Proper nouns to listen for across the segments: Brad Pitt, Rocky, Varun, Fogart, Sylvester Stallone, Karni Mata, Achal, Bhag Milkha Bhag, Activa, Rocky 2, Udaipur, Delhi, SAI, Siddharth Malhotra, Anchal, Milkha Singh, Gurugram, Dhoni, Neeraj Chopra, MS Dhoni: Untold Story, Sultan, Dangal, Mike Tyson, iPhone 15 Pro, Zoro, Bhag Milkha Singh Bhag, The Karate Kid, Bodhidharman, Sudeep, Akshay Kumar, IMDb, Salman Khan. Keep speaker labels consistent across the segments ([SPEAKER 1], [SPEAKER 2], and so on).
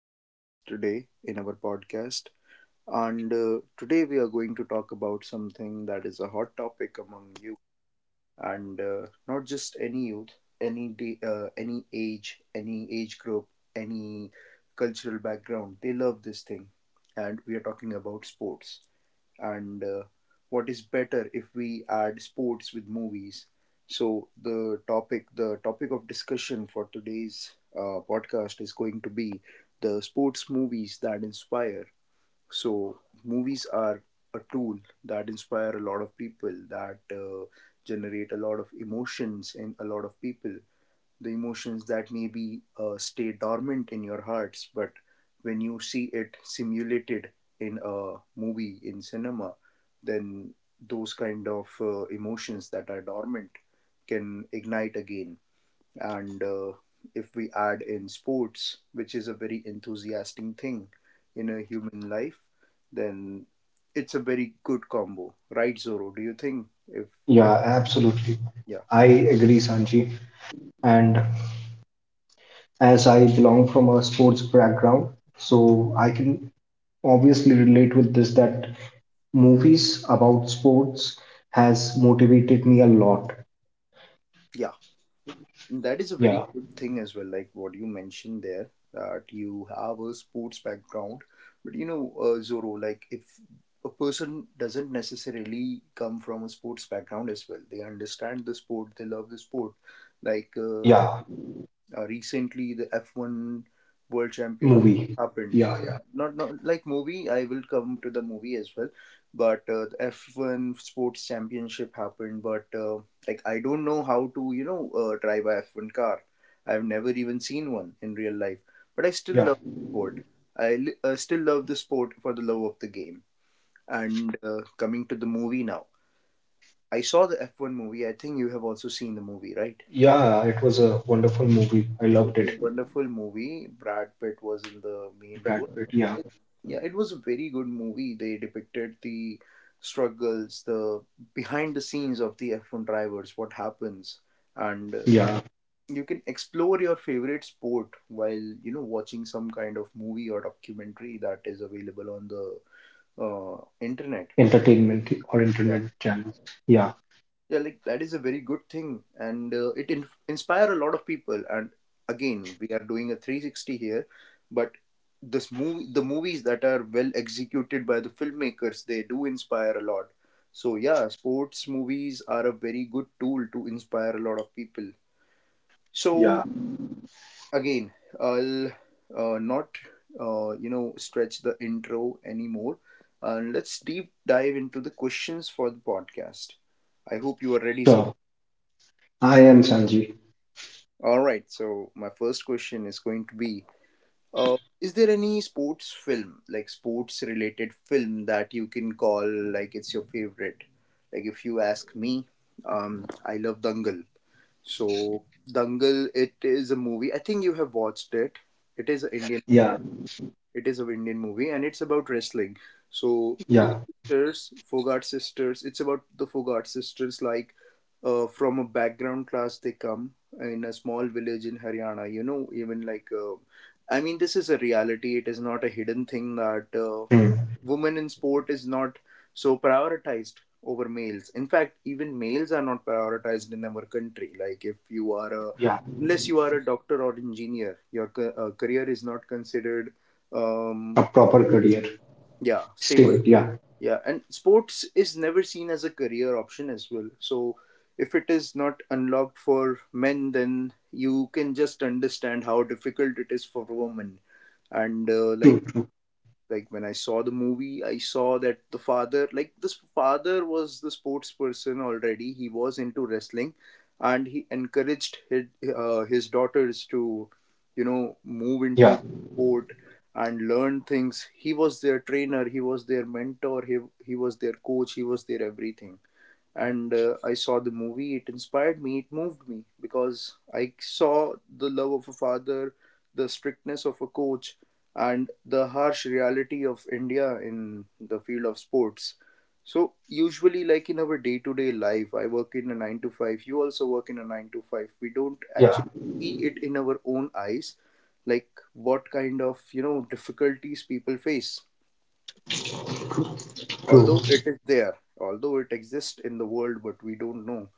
[SPEAKER 1] as guest today in our podcast. And Today we are going to talk about something that is a hot topic among youth, and not just any youth, any day, any age group, any cultural background. They love this thing, and we are talking about sports, and what is better if we add sports with movies? So the topic of discussion for today's podcast is going to be the sports movies that inspire. So movies are a tool that inspire a lot of people, that generate a lot of emotions in a lot of people, the emotions that maybe stay dormant in your hearts, but when you see it simulated in a movie, in cinema, then those kind of emotions that are dormant can ignite again. And If we add in sports, which is a very enthusiastic thing in a human life, then it's a very good combo, right, Zoro? Do you think if what?
[SPEAKER 2] Yeah, absolutely.
[SPEAKER 1] Yeah,
[SPEAKER 2] I agree, Sanji. And as I belong from a sports background, so I can obviously relate with this that movies about sports has motivated me a lot.
[SPEAKER 1] yeah. That is a very
[SPEAKER 2] Yeah,
[SPEAKER 1] good thing as well, like what you mentioned there, that you have a sports background. But you know, Zoro, like if a person doesn't necessarily come from a sports background as well, they understand the sport, they love the sport. Like uh,
[SPEAKER 2] yeah,
[SPEAKER 1] Recently, the F1 World Championship
[SPEAKER 2] movie.
[SPEAKER 1] happened.
[SPEAKER 2] Yeah, yeah,
[SPEAKER 1] Not like movie, I will come to the movie as well, but the F1 sports championship happened. But like, I don't know how to, you know, drive a F1 car. I've never even seen one in real life, but I still
[SPEAKER 2] yeah.
[SPEAKER 1] love the sport. I still love the sport for the love of the game. And Coming to the movie now, I saw the F1 movie. I think you have also seen the movie, right?
[SPEAKER 2] Yeah, it was a wonderful movie. I
[SPEAKER 1] It was
[SPEAKER 2] loved
[SPEAKER 1] a
[SPEAKER 2] it.
[SPEAKER 1] wonderful movie. Brad Pitt was in the main
[SPEAKER 2] Brad
[SPEAKER 1] role.
[SPEAKER 2] Pitt. Yeah,
[SPEAKER 1] It, yeah, it was a very good movie. They depicted the struggles, the behind the scenes of the F1 drivers, what happens, and you
[SPEAKER 2] yeah.
[SPEAKER 1] know, you can explore your favorite sport while, you know, watching some kind of movie or documentary that is available on the internet.
[SPEAKER 2] Entertainment or internet channels. Yeah,
[SPEAKER 1] Yeah, like that is a very good thing, and inspire a lot of people. And again, we are doing a 360 here, but this movie, the movies that are well executed by the filmmakers, they do inspire a lot. So yeah, sports movies are a very good tool to inspire a lot of people.
[SPEAKER 2] yeah.
[SPEAKER 1] So again, I'll not, you know, stretch the intro anymore, and let's deep dive into the questions for the podcast. I hope you are ready, Zoe.
[SPEAKER 2] Sure. I am Sanji.
[SPEAKER 1] All right, so my first question is going to be, is there any sports film, like sports related film, that you can call like it's your favorite? Like, if you ask me, I love Dangal. So, Dangal, it is a movie. I think you have watched it. It is an Indian
[SPEAKER 2] Yeah,
[SPEAKER 1] it is an Indian movie and it's about wrestling. So two
[SPEAKER 2] yeah.
[SPEAKER 1] sisters, Fogart sisters. Like from a background class, they come in a small village in Haryana. You know, even like I mean, this is a reality. It is not a hidden thing that
[SPEAKER 2] Hmm.
[SPEAKER 1] women in sport is not so prioritized over males. In fact, even males are not prioritized in our country. Like, if you are a,
[SPEAKER 2] Yeah.
[SPEAKER 1] unless you are a doctor or engineer, your career is not considered
[SPEAKER 2] A
[SPEAKER 1] um
[SPEAKER 2] proper
[SPEAKER 1] stable.
[SPEAKER 2] career.
[SPEAKER 1] Yeah, stable.
[SPEAKER 2] Stable, yeah,
[SPEAKER 1] Yeah, and sports is never seen as a career option as well. So if it is not unlocked for men, then you can just understand how difficult it is for women. And like
[SPEAKER 2] true, true,
[SPEAKER 1] like when I saw the movie, I saw that the father, like this father was the sports person already. He was into wrestling, and he encouraged his daughters to, you know, move
[SPEAKER 2] yeah,
[SPEAKER 1] into sport and learn things. He was their trainer. He was their mentor. He was their coach. He was their everything. And I saw the movie. It inspired me. It moved me because I saw the love of a father, the strictness of a coach, and the harsh reality of India in the field of sports. So usually, like in our day-to-day life, I work in a nine to five. You also work in a nine to five. We don't
[SPEAKER 2] yeah,
[SPEAKER 1] actually see it in our own eyes, like what kind of, you know, difficulties people face.
[SPEAKER 2] true.
[SPEAKER 1] Although it is there, although it exists in the world, but we don't know.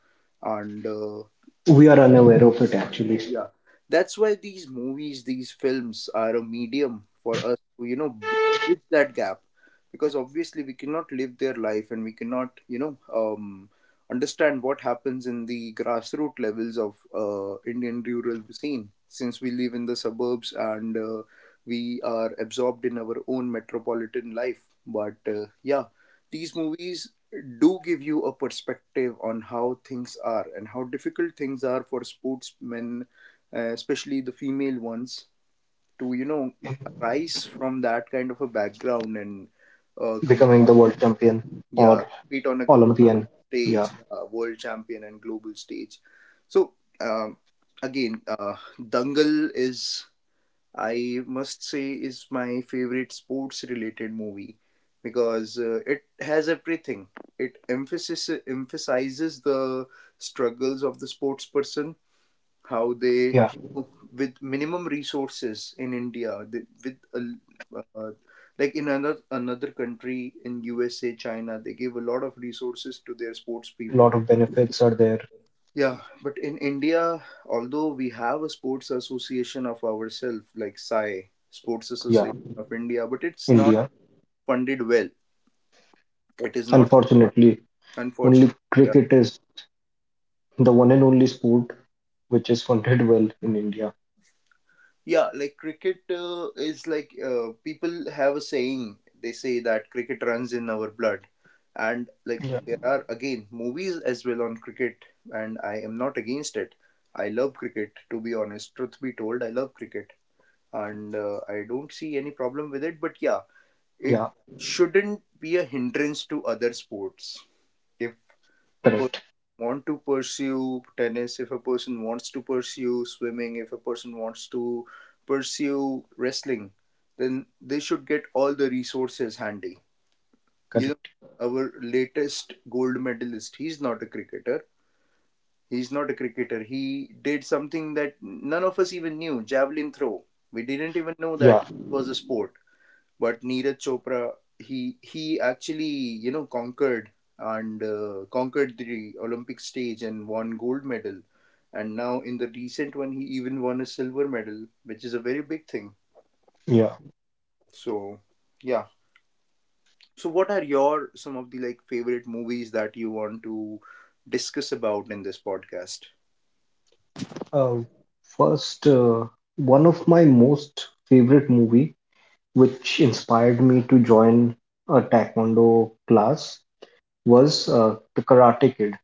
[SPEAKER 1] And
[SPEAKER 2] We are unaware of it actually.
[SPEAKER 1] yeah, that's why these movies, these films are a medium for us to, you know, bridge that gap. Because obviously we cannot live their life and we cannot, you know, understand what happens in the grassroots levels of Indian rural scene. Since we live in the suburbs and we are absorbed in our own metropolitan life. But yeah, these movies do give you a perspective on how things are and how difficult things are for sportsmen, especially the female ones, to, you know, rise from that kind of a background and uh, com-
[SPEAKER 2] Becoming the world champion or
[SPEAKER 1] yeah, compete on a
[SPEAKER 2] Olympian, yeah,
[SPEAKER 1] stage, yeah, world champion and global stage. So um, again, Dangal is, I must say, is my favorite sports related movie because it has everything. It emphasis emphasizes the struggles of the sports person, how they,
[SPEAKER 2] yeah,
[SPEAKER 1] with minimum resources in India, they, with a, like in another country in USA, China, they give a lot of resources to their sports people.
[SPEAKER 2] lot of benefits are there.
[SPEAKER 1] Yeah, but in India, although we have a sports association of ourselves, like SAI, Sports
[SPEAKER 2] Yeah,
[SPEAKER 1] Association of India, but it's not
[SPEAKER 2] India.
[SPEAKER 1] funded well. It is not
[SPEAKER 2] Unfortunately, only
[SPEAKER 1] unfortunate.
[SPEAKER 2] cricket is the one and only sport which is funded well in India.
[SPEAKER 1] Yeah, like cricket is like people have a saying. They say that cricket runs in our blood, and like
[SPEAKER 2] Yeah,
[SPEAKER 1] there are again movies as well on cricket, and I am not against it. I love cricket, to be honest. Truth be told, I love cricket, and I don't see any problem with it. But yeah, it
[SPEAKER 2] yeah,
[SPEAKER 1] shouldn't be a hindrance to other sports. If a person
[SPEAKER 2] correct,
[SPEAKER 1] want to pursue tennis, if a person wants to pursue swimming, if a person wants to pursue wrestling, then they should get all the resources handy. You know,
[SPEAKER 2] correct.
[SPEAKER 1] our latest gold medalist, he's not a cricketer. He did something that none of us even knew, javelin throw. We didn't even know that
[SPEAKER 2] Yeah,
[SPEAKER 1] it was a sport. But Neeraj Chopra, he actually, you know, conquered and conquered the Olympic stage and won gold medal. And now in the recent one, he even won a silver medal, which is a very big thing.
[SPEAKER 2] yeah.
[SPEAKER 1] So yeah. So what are your some of the like favorite movies that you want to discuss about in this podcast?
[SPEAKER 2] Uh, First, one of my most favorite movie which inspired me to join a taekwondo class was The Karate Kid.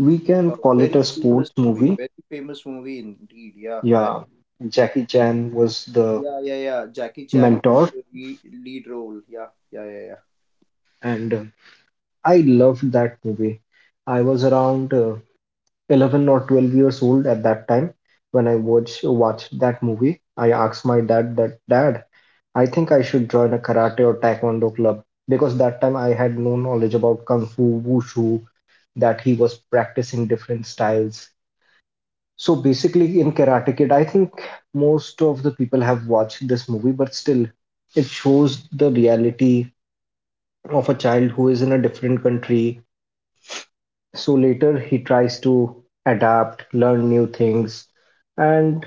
[SPEAKER 2] We
[SPEAKER 1] A
[SPEAKER 2] can call it a sports movie.
[SPEAKER 1] very famous movie indeed. Yeah, I,
[SPEAKER 2] Yeah, Jackie Chan was the
[SPEAKER 1] yeah, yeah, yeah. Jackie Chan,
[SPEAKER 2] mentor,
[SPEAKER 1] the lead role. Yeah, yeah, yeah, yeah.
[SPEAKER 2] and I loved that movie. I was around 11 or 12 years old at that time when watched that movie. I asked my dad that, Dad, I think I should join a karate or taekwondo club because that time I had no knowledge about kung fu, wushu, that he was practicing different styles. So basically, in Karate Kid, I think most of the people have watched this movie, but still, it shows the reality of a child who is in a different country. So later, he tries to adapt, learn new things. And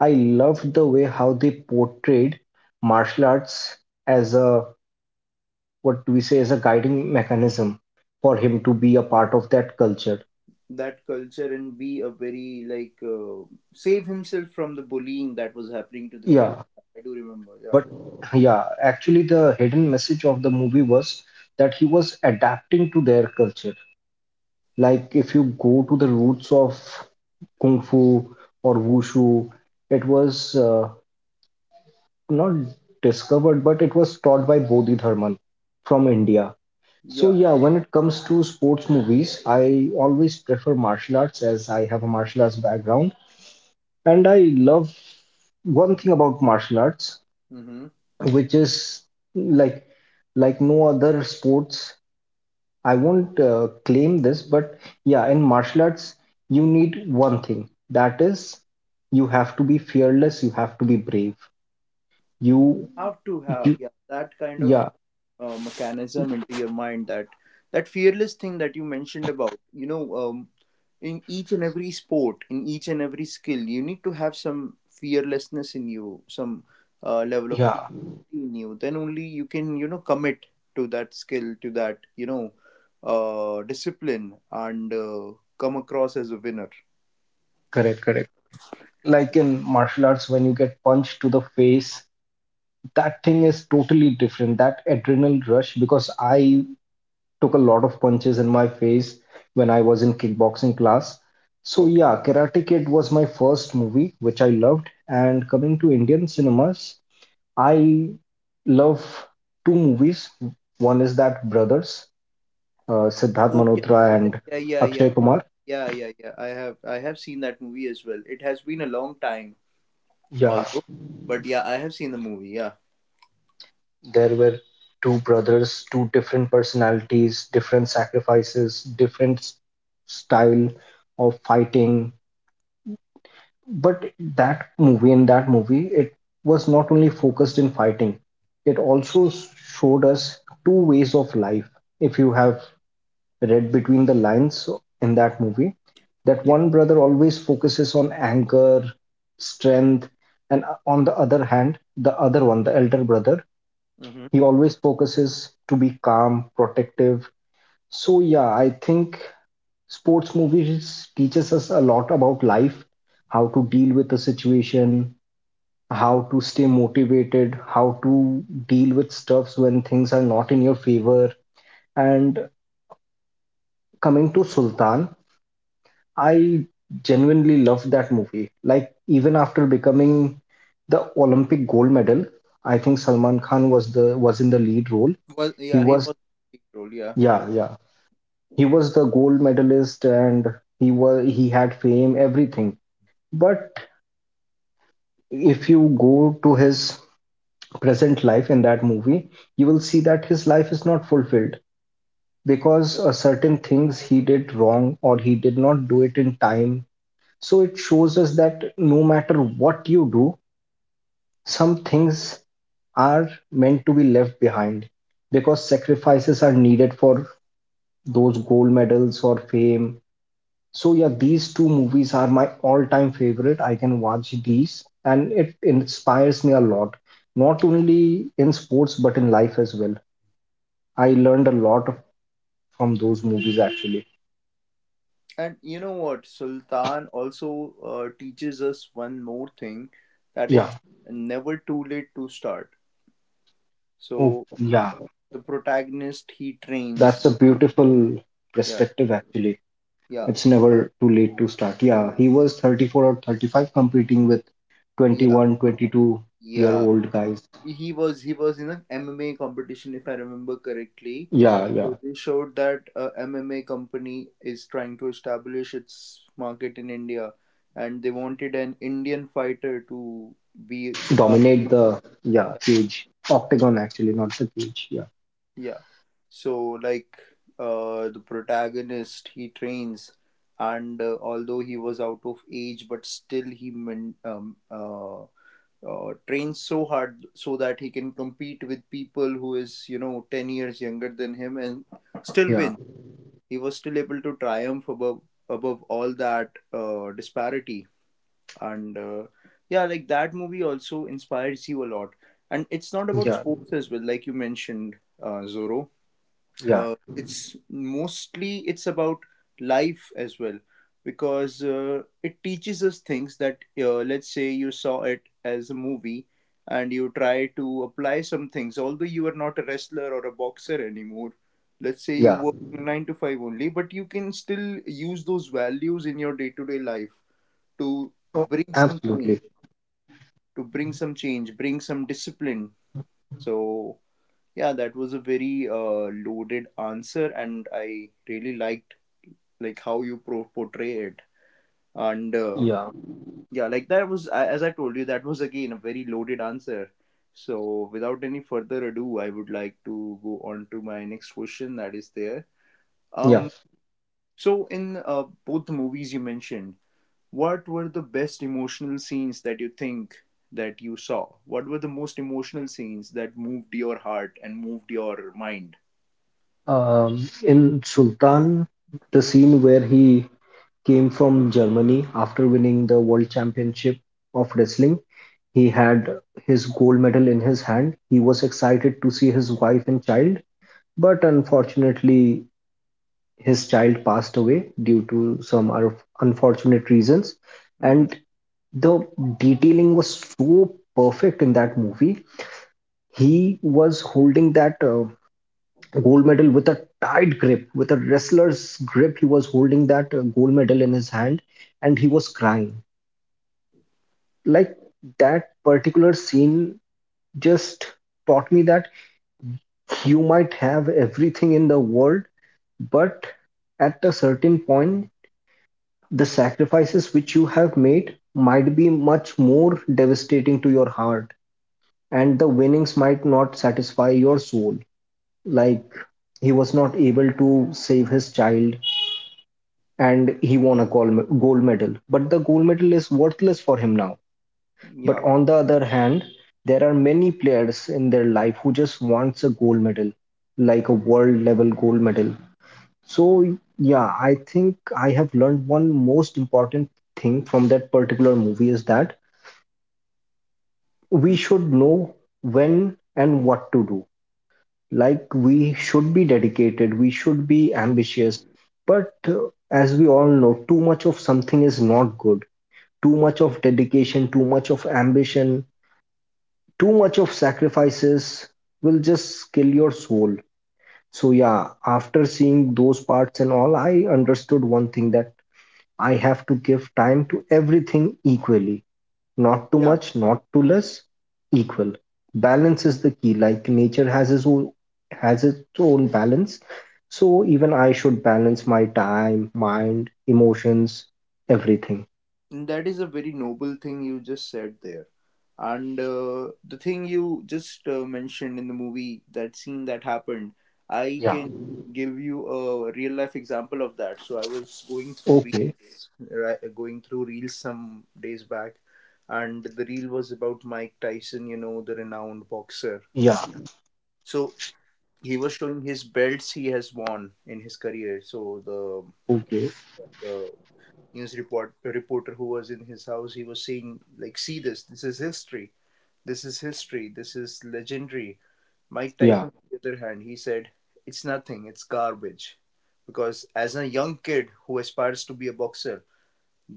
[SPEAKER 2] I loved the way how they portrayed martial arts as a, what do we say, as a guiding mechanism for him to be a part of that culture.
[SPEAKER 1] That culture and be a very like save himself from the bullying that was happening to the kid.
[SPEAKER 2] Yeah,
[SPEAKER 1] I do remember. Yeah.
[SPEAKER 2] but yeah, actually, the hidden message of the movie was that he was adapting to their culture. Like, if you go to the roots of Kung Fu or Wushu, it was not discovered, but it was taught by Bodhidharman from India. So,
[SPEAKER 1] Yeah.
[SPEAKER 2] yeah, when it comes to sports movies, I always prefer martial arts as I have a martial arts background. And I love one thing about martial arts
[SPEAKER 1] Mm-hmm.
[SPEAKER 2] which is like like no other sports. I won't claim this, but yeah, in martial arts, you need one thing. That is, you have to be fearless. You have to be brave.
[SPEAKER 1] You
[SPEAKER 2] You
[SPEAKER 1] have to have,
[SPEAKER 2] you,
[SPEAKER 1] yeah, that kind of
[SPEAKER 2] yeah,
[SPEAKER 1] mechanism into your mind, that that fearless thing that you mentioned about. You know, in each and every sport, in each and every skill, you need to have some fearlessness in you, some level of
[SPEAKER 2] yeah,
[SPEAKER 1] curiosity in you, then only you can, you know, commit to that skill, to that, you know, discipline and come across as a winner.
[SPEAKER 2] correct, correct. Like in martial arts, when you get punched to the face, that thing is totally different. That adrenaline rush because I took a lot of punches in my face when I was in kickboxing class. So
[SPEAKER 1] Okay.
[SPEAKER 2] yeah, Karate Kid was my first movie which I loved. And coming to Indian cinemas, I love two movies. One is that Brothers, Siddharth
[SPEAKER 1] Oh, yeah,
[SPEAKER 2] Malhotra and
[SPEAKER 1] yeah, yeah, yeah, yeah,
[SPEAKER 2] Akshay Kumar.
[SPEAKER 1] yeah, yeah, yeah, yeah, I have, I have seen that movie as well. It has been a long time,
[SPEAKER 2] Yeah,
[SPEAKER 1] although, but yeah, I have seen the movie. Yeah,
[SPEAKER 2] there were two brothers, two different personalities, different sacrifices, different style of fighting, but that movie in that movie it was not only focused in fighting, it also showed us two ways of life. If you have read between the lines in that movie, that
[SPEAKER 1] yeah.
[SPEAKER 2] one brother always focuses on anger, strength, and on the other hand, the other one, the elder brother,
[SPEAKER 1] Mm-hmm.
[SPEAKER 2] he always focuses to be calm, protective. So yeah, I think sports movies teaches us a lot about life, how to deal with the situation, how to stay motivated, how to deal with stuffs when things are not in your favor. And coming to Sultan, I genuinely loved that movie. Like, even after becoming the Olympic gold medal, I think Salman Khan was in the lead role.
[SPEAKER 1] Was,
[SPEAKER 2] He
[SPEAKER 1] yeah, he
[SPEAKER 2] was
[SPEAKER 1] was the lead role, yeah.
[SPEAKER 2] Yeah, yeah. He was the gold medalist and he had fame, everything. But if you go to his present life in that movie, you will see that his life is not fulfilled, because certain things he did wrong or he did not do it in time. So it shows us that no matter what you do, some things are meant to be left behind because sacrifices are needed for those gold medals or fame. So yeah, these two movies are my all-time favorite. I can watch these and it inspires me a lot, not only in sports but in life as well. I learned a lot from those movies actually.
[SPEAKER 1] And you know what? Sultan also teaches us one more thing, that
[SPEAKER 2] Yeah.
[SPEAKER 1] it's never too late to start.
[SPEAKER 2] Oh,
[SPEAKER 1] So
[SPEAKER 2] yeah,
[SPEAKER 1] the protagonist, he trains.
[SPEAKER 2] that's a beautiful
[SPEAKER 1] Yeah,
[SPEAKER 2] perspective, actually.
[SPEAKER 1] yeah,
[SPEAKER 2] It's never too late to start. Yeah, he was 34 or 35 competing with
[SPEAKER 1] yeah,
[SPEAKER 2] 21, 22 year
[SPEAKER 1] yeah.
[SPEAKER 2] old guys.
[SPEAKER 1] He was in an MMA competition if I remember correctly.
[SPEAKER 2] Yeah, yeah.
[SPEAKER 1] So they showed that a MMA company is trying to establish its market in India, and they wanted an Indian fighter to be the car.
[SPEAKER 2] Dominate the, yeah, cage. Octagon, actually, not the cage. Yeah,
[SPEAKER 1] Yeah. So, like, the protagonist, he trains, and although he was out of age, but still he trains so hard so that he can compete with people who is, you know, 10 years younger than him, and still
[SPEAKER 2] yeah,
[SPEAKER 1] win. He was still able to triumph above, all that disparity, and yeah, like that movie also inspires you a lot. And it's not about
[SPEAKER 2] yeah,
[SPEAKER 1] sports as well, like you mentioned, Zoro,
[SPEAKER 2] yeah,
[SPEAKER 1] it's mostly it's about life as well because it teaches us things that let's say you saw it as a movie and you try to apply some things although you are not a wrestler or a boxer anymore. Let's say you
[SPEAKER 2] yeah.
[SPEAKER 1] work in a 9 to 5 only, but you can still use those values in your day to day life to
[SPEAKER 2] Oh,
[SPEAKER 1] bring some change,
[SPEAKER 2] absolutely.
[SPEAKER 1] bring some discipline. so yeah, that was a very loaded answer, and I really liked like how you portray it. And
[SPEAKER 2] Yeah,
[SPEAKER 1] yeah, like that was as I told you, that was again a very loaded answer. So without any further ado, I would like to go on to my next question that is there.
[SPEAKER 2] yeah.
[SPEAKER 1] Um, so in both the movies you mentioned, what were the best emotional scenes that you think that you saw? What were the most emotional scenes that moved your heart and moved your mind?
[SPEAKER 2] In Sultan, the scene where he came from Germany after winning the world championship of wrestling. He had his gold medal in his hand. He was excited to see his wife and child, but unfortunately, his child passed away due to some unfortunate reasons.
[SPEAKER 1] Hmm.
[SPEAKER 2] And the detailing was so perfect in that movie. He was holding that gold medal with a tight grip, with a wrestler's grip. He was holding that gold medal in his hand and he was crying. Like that particular scene just taught me that you might have everything in the world, but at a certain point, the sacrifices which you have made might be much more devastating to your heart, and the winnings might not satisfy your soul. Like, he was not able to save his child and he won a gold medal, but the gold medal is worthless for him now. But
[SPEAKER 1] Yeah.
[SPEAKER 2] on the other hand, there are many players in their life who just wants a gold medal, like a world level gold medal. So, yeah, I think I have learned one most important thing from that particular movie is that we should know when and what to do. Like, we should be dedicated, we should be ambitious. But as we all know, too much of something is not good. Too much of dedication, too much of ambition, too much of sacrifices will just kill your soul. So, yeah, after seeing those parts and all, I understood one thing that I have to give time to everything equally. Not too
[SPEAKER 1] Yeah,
[SPEAKER 2] much, not too less, equal. Balance is the key. Like nature has its own balance. So even I should balance my time, mind, emotions, everything.
[SPEAKER 1] and that is a very noble thing you just said there. And the thing you just mentioned in the movie, that scene that happened, I
[SPEAKER 2] Yeah.
[SPEAKER 1] can give you a real life example of that. So I was going through
[SPEAKER 2] Okay.
[SPEAKER 1] reels, right, going through reels some days back, and the reel was about Mike Tyson, you know, the renowned boxer.
[SPEAKER 2] Yeah.
[SPEAKER 1] So he was showing his belts he has won in his career. So the
[SPEAKER 2] Okay.
[SPEAKER 1] the news report reporter who was in his house, he was saying like, see this is history, this is history, this is legendary. Mike
[SPEAKER 2] Yeah.
[SPEAKER 1] Tyson, on the other hand, he said it's nothing, it's garbage, because as a young kid who aspires to be a boxer,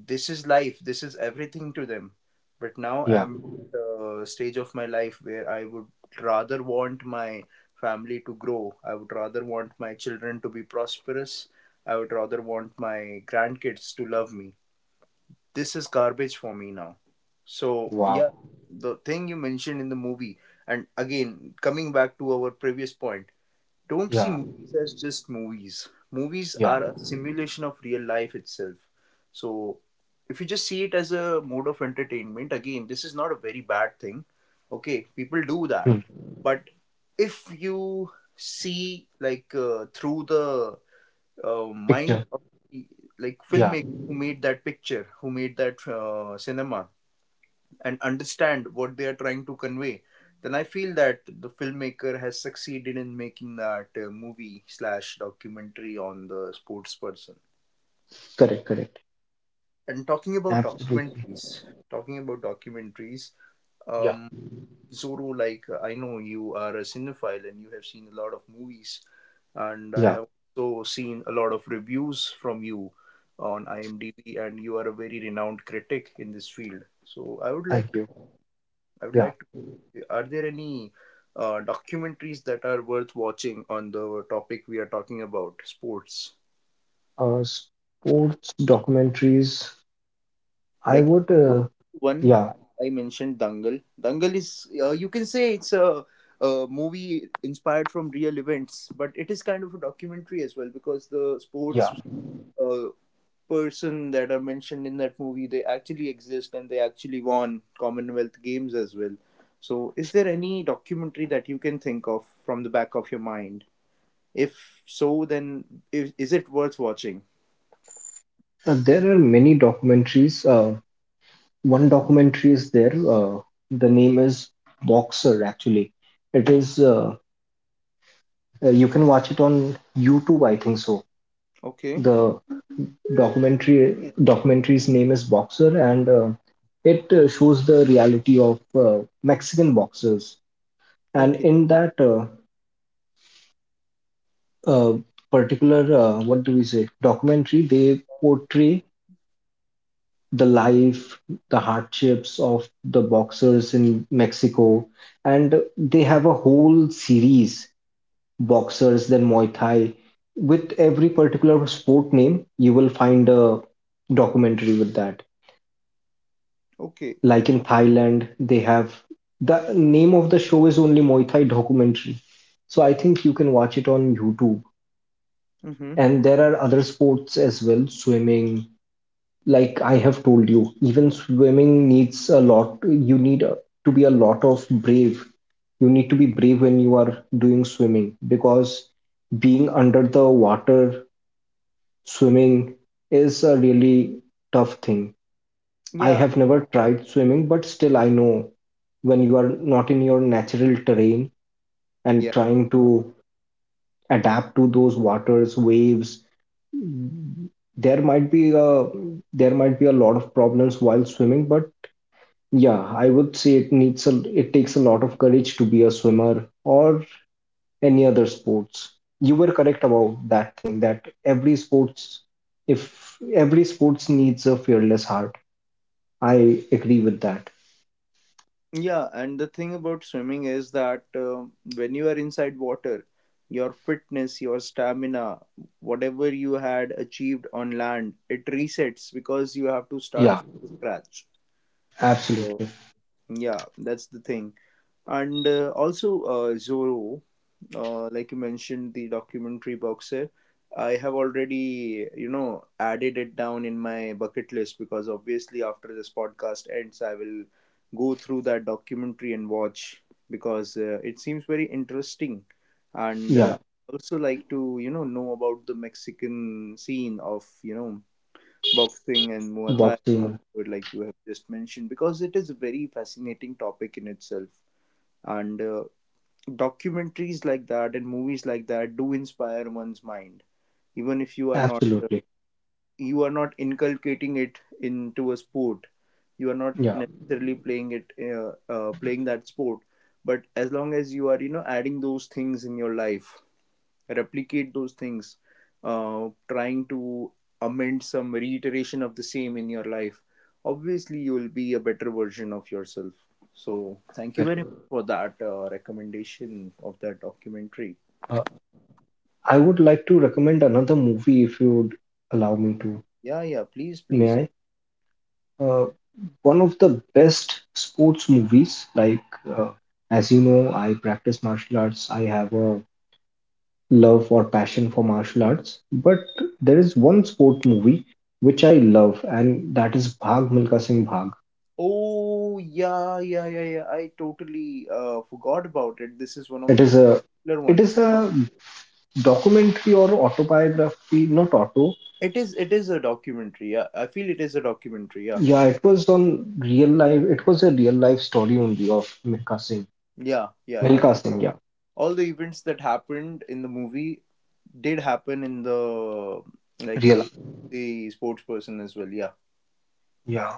[SPEAKER 1] this is life, this is everything to them. But now
[SPEAKER 2] Yeah.
[SPEAKER 1] I'm at a stage of my life where I would rather want my family to grow, I would rather want my children to be prosperous, I would rather want my grandkids to love me. This is garbage for me now. So,
[SPEAKER 2] Wow.
[SPEAKER 1] yeah, the thing you mentioned in the movie, and again, coming back to our previous point, don't see
[SPEAKER 2] Yeah.
[SPEAKER 1] movies as just movies. Movies
[SPEAKER 2] Yeah.
[SPEAKER 1] are a simulation of real life itself. So, if you just see it as a mode of entertainment, again, this is not a very bad thing. Okay, people do that.
[SPEAKER 2] Hmm.
[SPEAKER 1] But if you see, like, through the mind
[SPEAKER 2] Picture.
[SPEAKER 1] of the, like,
[SPEAKER 2] Yeah.
[SPEAKER 1] filmmaker who made that picture, who made that cinema, and understand what they are trying to convey, then I feel that the filmmaker has succeeded in making that movie slash documentary on the sports person.
[SPEAKER 2] Correct. Correct.
[SPEAKER 1] And talking about
[SPEAKER 2] Absolutely.
[SPEAKER 1] documentaries, talking about documentaries,
[SPEAKER 2] Yeah.
[SPEAKER 1] um, Zoro, like I know you are a cinephile and you have seen a lot of movies. And I
[SPEAKER 2] Yeah.
[SPEAKER 1] have also seen a lot of reviews from you on IMDb, and you are a very renowned critic in this field. So I would like
[SPEAKER 2] Thank
[SPEAKER 1] to,
[SPEAKER 2] you.
[SPEAKER 1] I would
[SPEAKER 2] Yeah.
[SPEAKER 1] like are there any documentaries that are worth watching on the topic we are talking about, sports?
[SPEAKER 2] Sports documentaries I
[SPEAKER 1] Like
[SPEAKER 2] would,
[SPEAKER 1] one,
[SPEAKER 2] yeah,
[SPEAKER 1] I mentioned Dangal. Dangal is, you can say a movie inspired from real events, but it is kind of a documentary as well because the
[SPEAKER 2] yeah.
[SPEAKER 1] sports uh, person that are mentioned in that movie, they actually exist and they actually won Commonwealth Games as well. So is there any documentary that you can think of from the back of your mind? If so, then if, is it worth watching?
[SPEAKER 2] There are many documentaries. One documentary is there. The name is Boxer, actually. It is, you can watch it on YouTube, I think so.
[SPEAKER 1] Okay.
[SPEAKER 2] The documentary's name is Boxer, and it shows the reality of Mexican boxers. And
[SPEAKER 1] Okay.
[SPEAKER 2] in that uh, particular, what do we say, documentary, they portray the life, the hardships of the boxers in Mexico. And they have a whole series, boxers, then Muay Thai. With every particular sport name, you will find a documentary with that.
[SPEAKER 1] Okay.
[SPEAKER 2] Like in Thailand, they have the name of the show is only Muay Thai documentary. So I think you can watch it on YouTube.
[SPEAKER 1] Mm-hmm.
[SPEAKER 2] And there are other sports as well, swimming, like I have told you, even swimming needs a lot. You need to be a lot of brave. You need to be brave when you are doing swimming because being under the water, swimming is a really tough thing. I
[SPEAKER 1] Yeah.
[SPEAKER 2] have never tried swimming, but still I know when you are not in your natural terrain and
[SPEAKER 1] Yeah.
[SPEAKER 2] trying to adapt to those waters, waves, there might be a there might be a lot of problems while swimming. But yeah, I would say it takes a lot of courage to be a swimmer or any other sports. You were correct about that thing that every sports if every sports needs a fearless heart. I agree with that.
[SPEAKER 1] Yeah, and the thing about swimming is that when you are inside water, your fitness, your stamina, whatever you had achieved on land, it resets because you have to start
[SPEAKER 2] Yeah,
[SPEAKER 1] from scratch. So
[SPEAKER 2] absolutely.
[SPEAKER 1] yeah, that's the thing. And also Zorro, like you mentioned, the documentary box set. I have already, you know, added it down in my bucket list because obviously after this podcast ends, I will go through that documentary and watch because it seems very interesting. And
[SPEAKER 2] Yeah,
[SPEAKER 1] I also like to, you know about the Mexican scene of, you know, boxing and Muay Thai
[SPEAKER 2] boxing.
[SPEAKER 1] like you have just mentioned because it is a very fascinating topic in itself. And documentaries like that and movies like that do inspire one's mind, even if you are not
[SPEAKER 2] Absolutely.
[SPEAKER 1] you are not inculcating it into a sport, you are not
[SPEAKER 2] Yeah.
[SPEAKER 1] necessarily playing it, playing that sport, but as long as you are, you know, adding those things in your life, replicate those things, trying to amend some reiteration of the same in your life, obviously you will be a better version of yourself. So thank you
[SPEAKER 2] Correct.
[SPEAKER 1] very much for that recommendation of that documentary.
[SPEAKER 2] Uh, I would like to recommend another movie if you would allow me to.
[SPEAKER 1] Yeah, yeah, please,
[SPEAKER 2] May
[SPEAKER 1] please.
[SPEAKER 2] I? uh, One of the best sports movies. Like, uh, as you know, I practice martial arts. I have a love or passion for martial arts. But there is one sport movie which I love, and that is Bhag Milkha Singh Bhag.
[SPEAKER 1] Oh yeah, yeah, yeah, yeah, I totally forgot about it. This is one of
[SPEAKER 2] It
[SPEAKER 1] the
[SPEAKER 2] is
[SPEAKER 1] most
[SPEAKER 2] a
[SPEAKER 1] popular
[SPEAKER 2] it
[SPEAKER 1] ones.
[SPEAKER 2] is a documentary or autobiography, not auto.
[SPEAKER 1] It is, a documentary, yeah, I feel it is a documentary, yeah.
[SPEAKER 2] Yeah, it was on real life. It was a real life story only of Milkha Singh.
[SPEAKER 1] Yeah, yeah, yeah,
[SPEAKER 2] Milkha Singh, yeah,
[SPEAKER 1] all the events that happened in the movie did happen in the, like, life
[SPEAKER 2] real.
[SPEAKER 1] of the sports person as well. Yeah,
[SPEAKER 2] Yeah.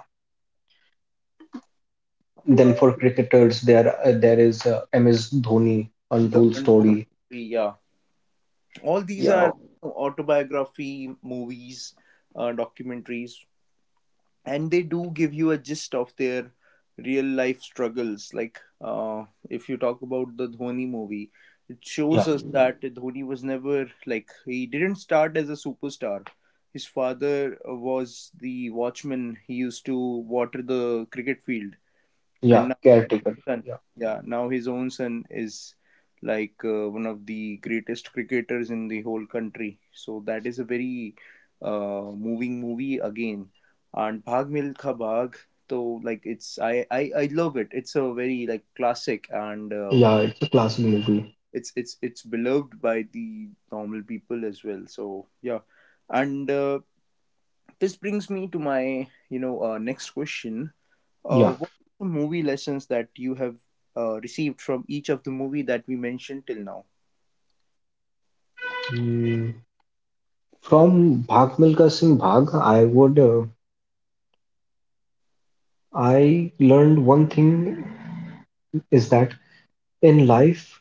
[SPEAKER 2] Then for cricketers, there is MS Dhoni,
[SPEAKER 1] the
[SPEAKER 2] Untold
[SPEAKER 1] untold
[SPEAKER 2] Story.
[SPEAKER 1] story. Yeah, all these
[SPEAKER 2] Yeah,
[SPEAKER 1] are autobiography movies, documentaries, and they do give you a gist of their real life struggles. Like, if you talk about the Dhoni movie. It
[SPEAKER 2] yeah,
[SPEAKER 1] shows us that Dhoni was never, like, he didn't start as a superstar. His father was the watchman, he used to water the cricket field,
[SPEAKER 2] yeah.
[SPEAKER 1] and
[SPEAKER 2] Caretaker.
[SPEAKER 1] son.
[SPEAKER 2] Yeah,
[SPEAKER 1] Yeah, now his own son is like one of the greatest cricketers in the whole country. So that is a very moving movie again. And Bhag Milkha Bhag, so like it's I love it. It's a very like classic, and
[SPEAKER 2] yeah. It's a classic movie.
[SPEAKER 1] it's beloved by the normal people as well. So yeah, and this brings me to my, you know, next question.
[SPEAKER 2] Yeah.
[SPEAKER 1] What are the movie lessons that you have received from each of the movie that we mentioned till now?
[SPEAKER 2] Mm, from Bhag Milka Singh Bhag, I learned one thing is that in life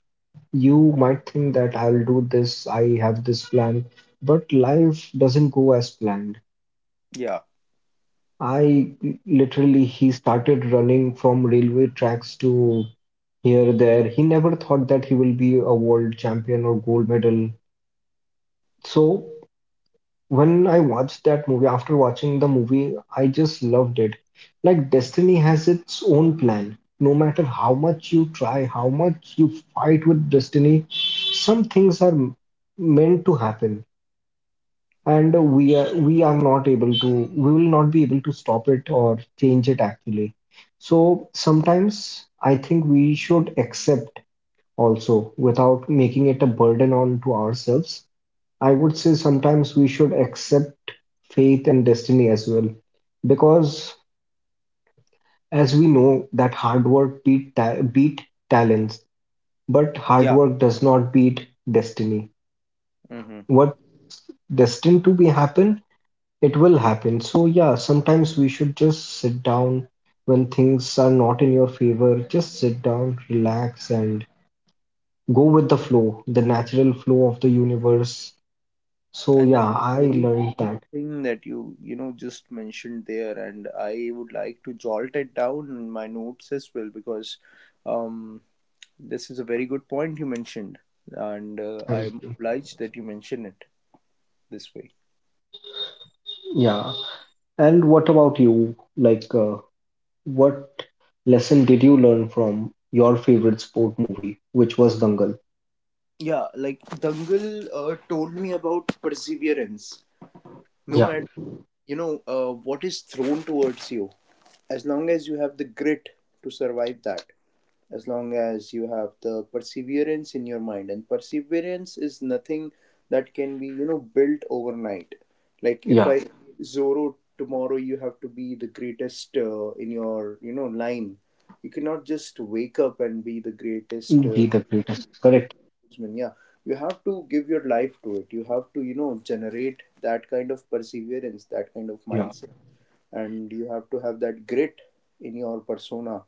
[SPEAKER 2] you might think that I'll do this, I have this plan, but life doesn't go as planned.
[SPEAKER 1] Yeah,
[SPEAKER 2] I Literally, he started running from railway tracks to here, there. He never thought that he will be a world champion or gold medal. So when I watched that movie, after watching the movie, I just loved it. Like destiny has its own plan. No matter how much you try, how much you fight with destiny, some things are meant to happen and we are not able to, we will not be able to stop it or change it actually. So sometimes I think we should accept also, without making it a burden on to ourselves. I would say sometimes we should accept faith and destiny as well, because as we know that hard work beat talents, but hard
[SPEAKER 1] yeah.
[SPEAKER 2] work does not beat destiny.
[SPEAKER 1] Mm-hmm.
[SPEAKER 2] What destined to be happen, it will happen. So yeah, sometimes we should just sit down when things are not in your favor. Just sit down, relax, and go with the flow, the natural flow of the universe. So
[SPEAKER 1] And that's
[SPEAKER 2] yeah, I
[SPEAKER 1] a very
[SPEAKER 2] learned
[SPEAKER 1] deep
[SPEAKER 2] that.
[SPEAKER 1] thing that you know, just mentioned there, and I would like to jolt it down in my notes as well because um, this is a very good point you mentioned, and
[SPEAKER 2] Thank
[SPEAKER 1] I'm
[SPEAKER 2] you.
[SPEAKER 1] obliged that you mention it this way.
[SPEAKER 2] Yeah. And what about you? Like, what lesson did you learn from your favorite sport movie, which was Dangal?
[SPEAKER 1] Yeah, like Dangal told me about perseverance. No
[SPEAKER 2] Yeah,
[SPEAKER 1] matter, you know, what is thrown towards you, as long as you have the grit to survive that, as long as you have the perseverance in your mind, and perseverance is nothing that can be, you know, built overnight. Like, if
[SPEAKER 2] yeah.
[SPEAKER 1] I, Zoro, tomorrow you have to be the greatest in your, you know, line, you cannot just wake up and be the greatest,
[SPEAKER 2] Be the greatest. Correct.
[SPEAKER 1] sportsman. Yeah, you have to give your life to it, you have to, you know, generate that kind of perseverance, that kind of
[SPEAKER 2] Yeah,
[SPEAKER 1] mindset, and you have to have that grit in your persona.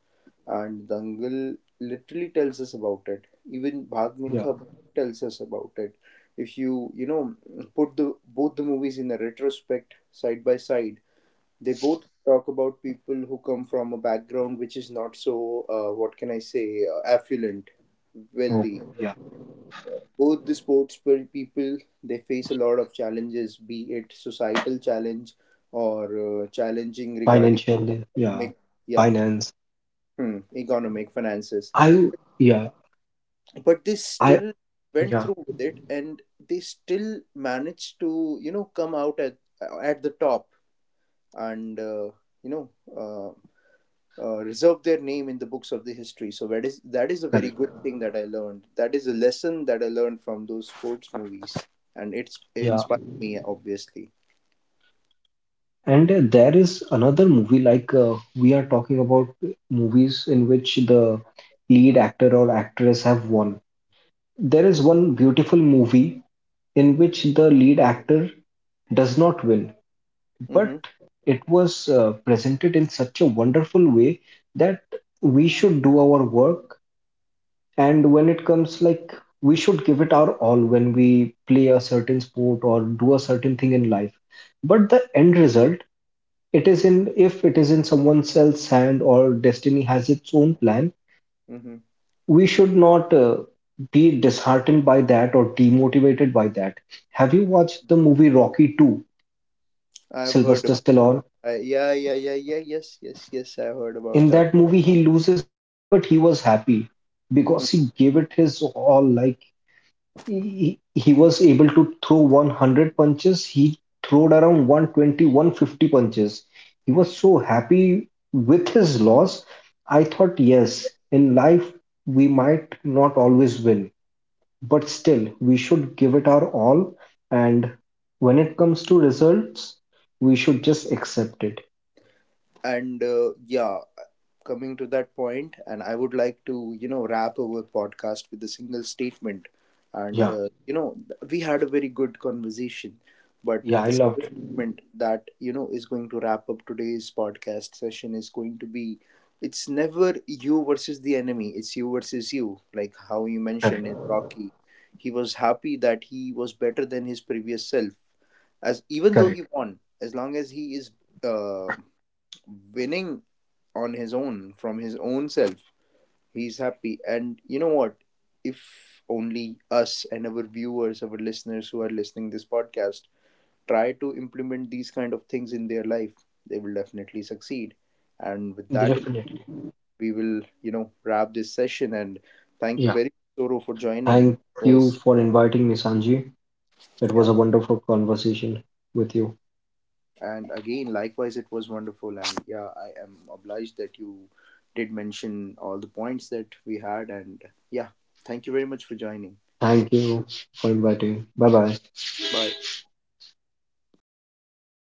[SPEAKER 1] And Dangal literally tells us about it. Even Bhag
[SPEAKER 2] yeah.
[SPEAKER 1] Milkha Bhag tells us about it. If you, you know, put the both the movies in a retrospect side by side, they both talk about people who come from a background which is not so what can I say, affluent,
[SPEAKER 2] Oh,
[SPEAKER 1] wealthy.
[SPEAKER 2] yeah.
[SPEAKER 1] Both the sports people, they face a lot of challenges, be it societal challenge or challenging regarding
[SPEAKER 2] Financial, yeah. Yeah.
[SPEAKER 1] make, yeah,
[SPEAKER 2] Finance.
[SPEAKER 1] hmm, economic finances,
[SPEAKER 2] I Yeah,
[SPEAKER 1] but they
[SPEAKER 2] I
[SPEAKER 1] still went
[SPEAKER 2] yeah,
[SPEAKER 1] through with it, and they still managed to, you know, come out at the top, and you know, uh, reserve their name in the books of the history. So that is a very
[SPEAKER 2] correct.
[SPEAKER 1] good thing that I learned, that is a lesson that I learned from those sports movies, and it
[SPEAKER 2] Yeah.
[SPEAKER 1] inspired me obviously.
[SPEAKER 2] And there is another movie, like we are talking about movies in which the lead actor or actress have won. There is one beautiful movie in which the lead actor does not win, but
[SPEAKER 1] Mm-hmm.
[SPEAKER 2] it was presented in such a wonderful way that we should do our work. And when it comes, like, we should give it our all when we play a certain sport or do a certain thing in life. But the end result, if it is in someone else's hand or destiny has its own plan,
[SPEAKER 1] Mm-hmm.
[SPEAKER 2] we should not be disheartened by that or demotivated by that. Have you watched the movie Rocky 2,
[SPEAKER 1] I've heard.
[SPEAKER 2] Sylvester Stallone?
[SPEAKER 1] Yeah, yeah, yeah, yeah, yes, yes, yes, I heard about
[SPEAKER 2] In
[SPEAKER 1] that.
[SPEAKER 2] that movie, he loses the fight, but he was happy
[SPEAKER 1] Mm.
[SPEAKER 2] because he gave it his all. Like, he was able to throw 100 punches. He throwed around 120, 150 punches. He was so happy with his loss. I thought, yes, in life we might not always win, but still we should give it our all, and when it comes to results, we should just accept it.
[SPEAKER 1] And yeah, coming to that point, and I would like to, you know, wrap our podcast with a single statement. And
[SPEAKER 2] Yeah.
[SPEAKER 1] you know, we had a very good conversation, but
[SPEAKER 2] Yeah, I
[SPEAKER 1] the
[SPEAKER 2] loved
[SPEAKER 1] single
[SPEAKER 2] it.
[SPEAKER 1] statement that, you know, is going to wrap up today's podcast session is going to be: it's never you versus the enemy; it's you versus you. Like how you mentioned
[SPEAKER 2] Correct,
[SPEAKER 1] in Rocky, he was happy that he was better than his previous self, as even though
[SPEAKER 2] correct.
[SPEAKER 1] he won, as long as he is. Uh, winning on his own from his own self, he's happy. And you know what, if only us and our viewers, our listeners who are listening this podcast try to implement these kind of things in their life, they will definitely succeed. And with that,
[SPEAKER 2] Definitely.
[SPEAKER 1] we will, you know, wrap this session and thank you
[SPEAKER 2] Yeah,
[SPEAKER 1] very much, Soro, for joining.
[SPEAKER 2] thank
[SPEAKER 1] It
[SPEAKER 2] you
[SPEAKER 1] was,
[SPEAKER 2] for inviting me, Sanji. It was
[SPEAKER 1] yeah.
[SPEAKER 2] a wonderful conversation with you.
[SPEAKER 1] And again, likewise, it was wonderful. And yeah, I am obliged that you did mention all the points that we had. And yeah, thank you very much for joining.
[SPEAKER 2] Thank you for inviting. Bye bye.
[SPEAKER 1] Bye.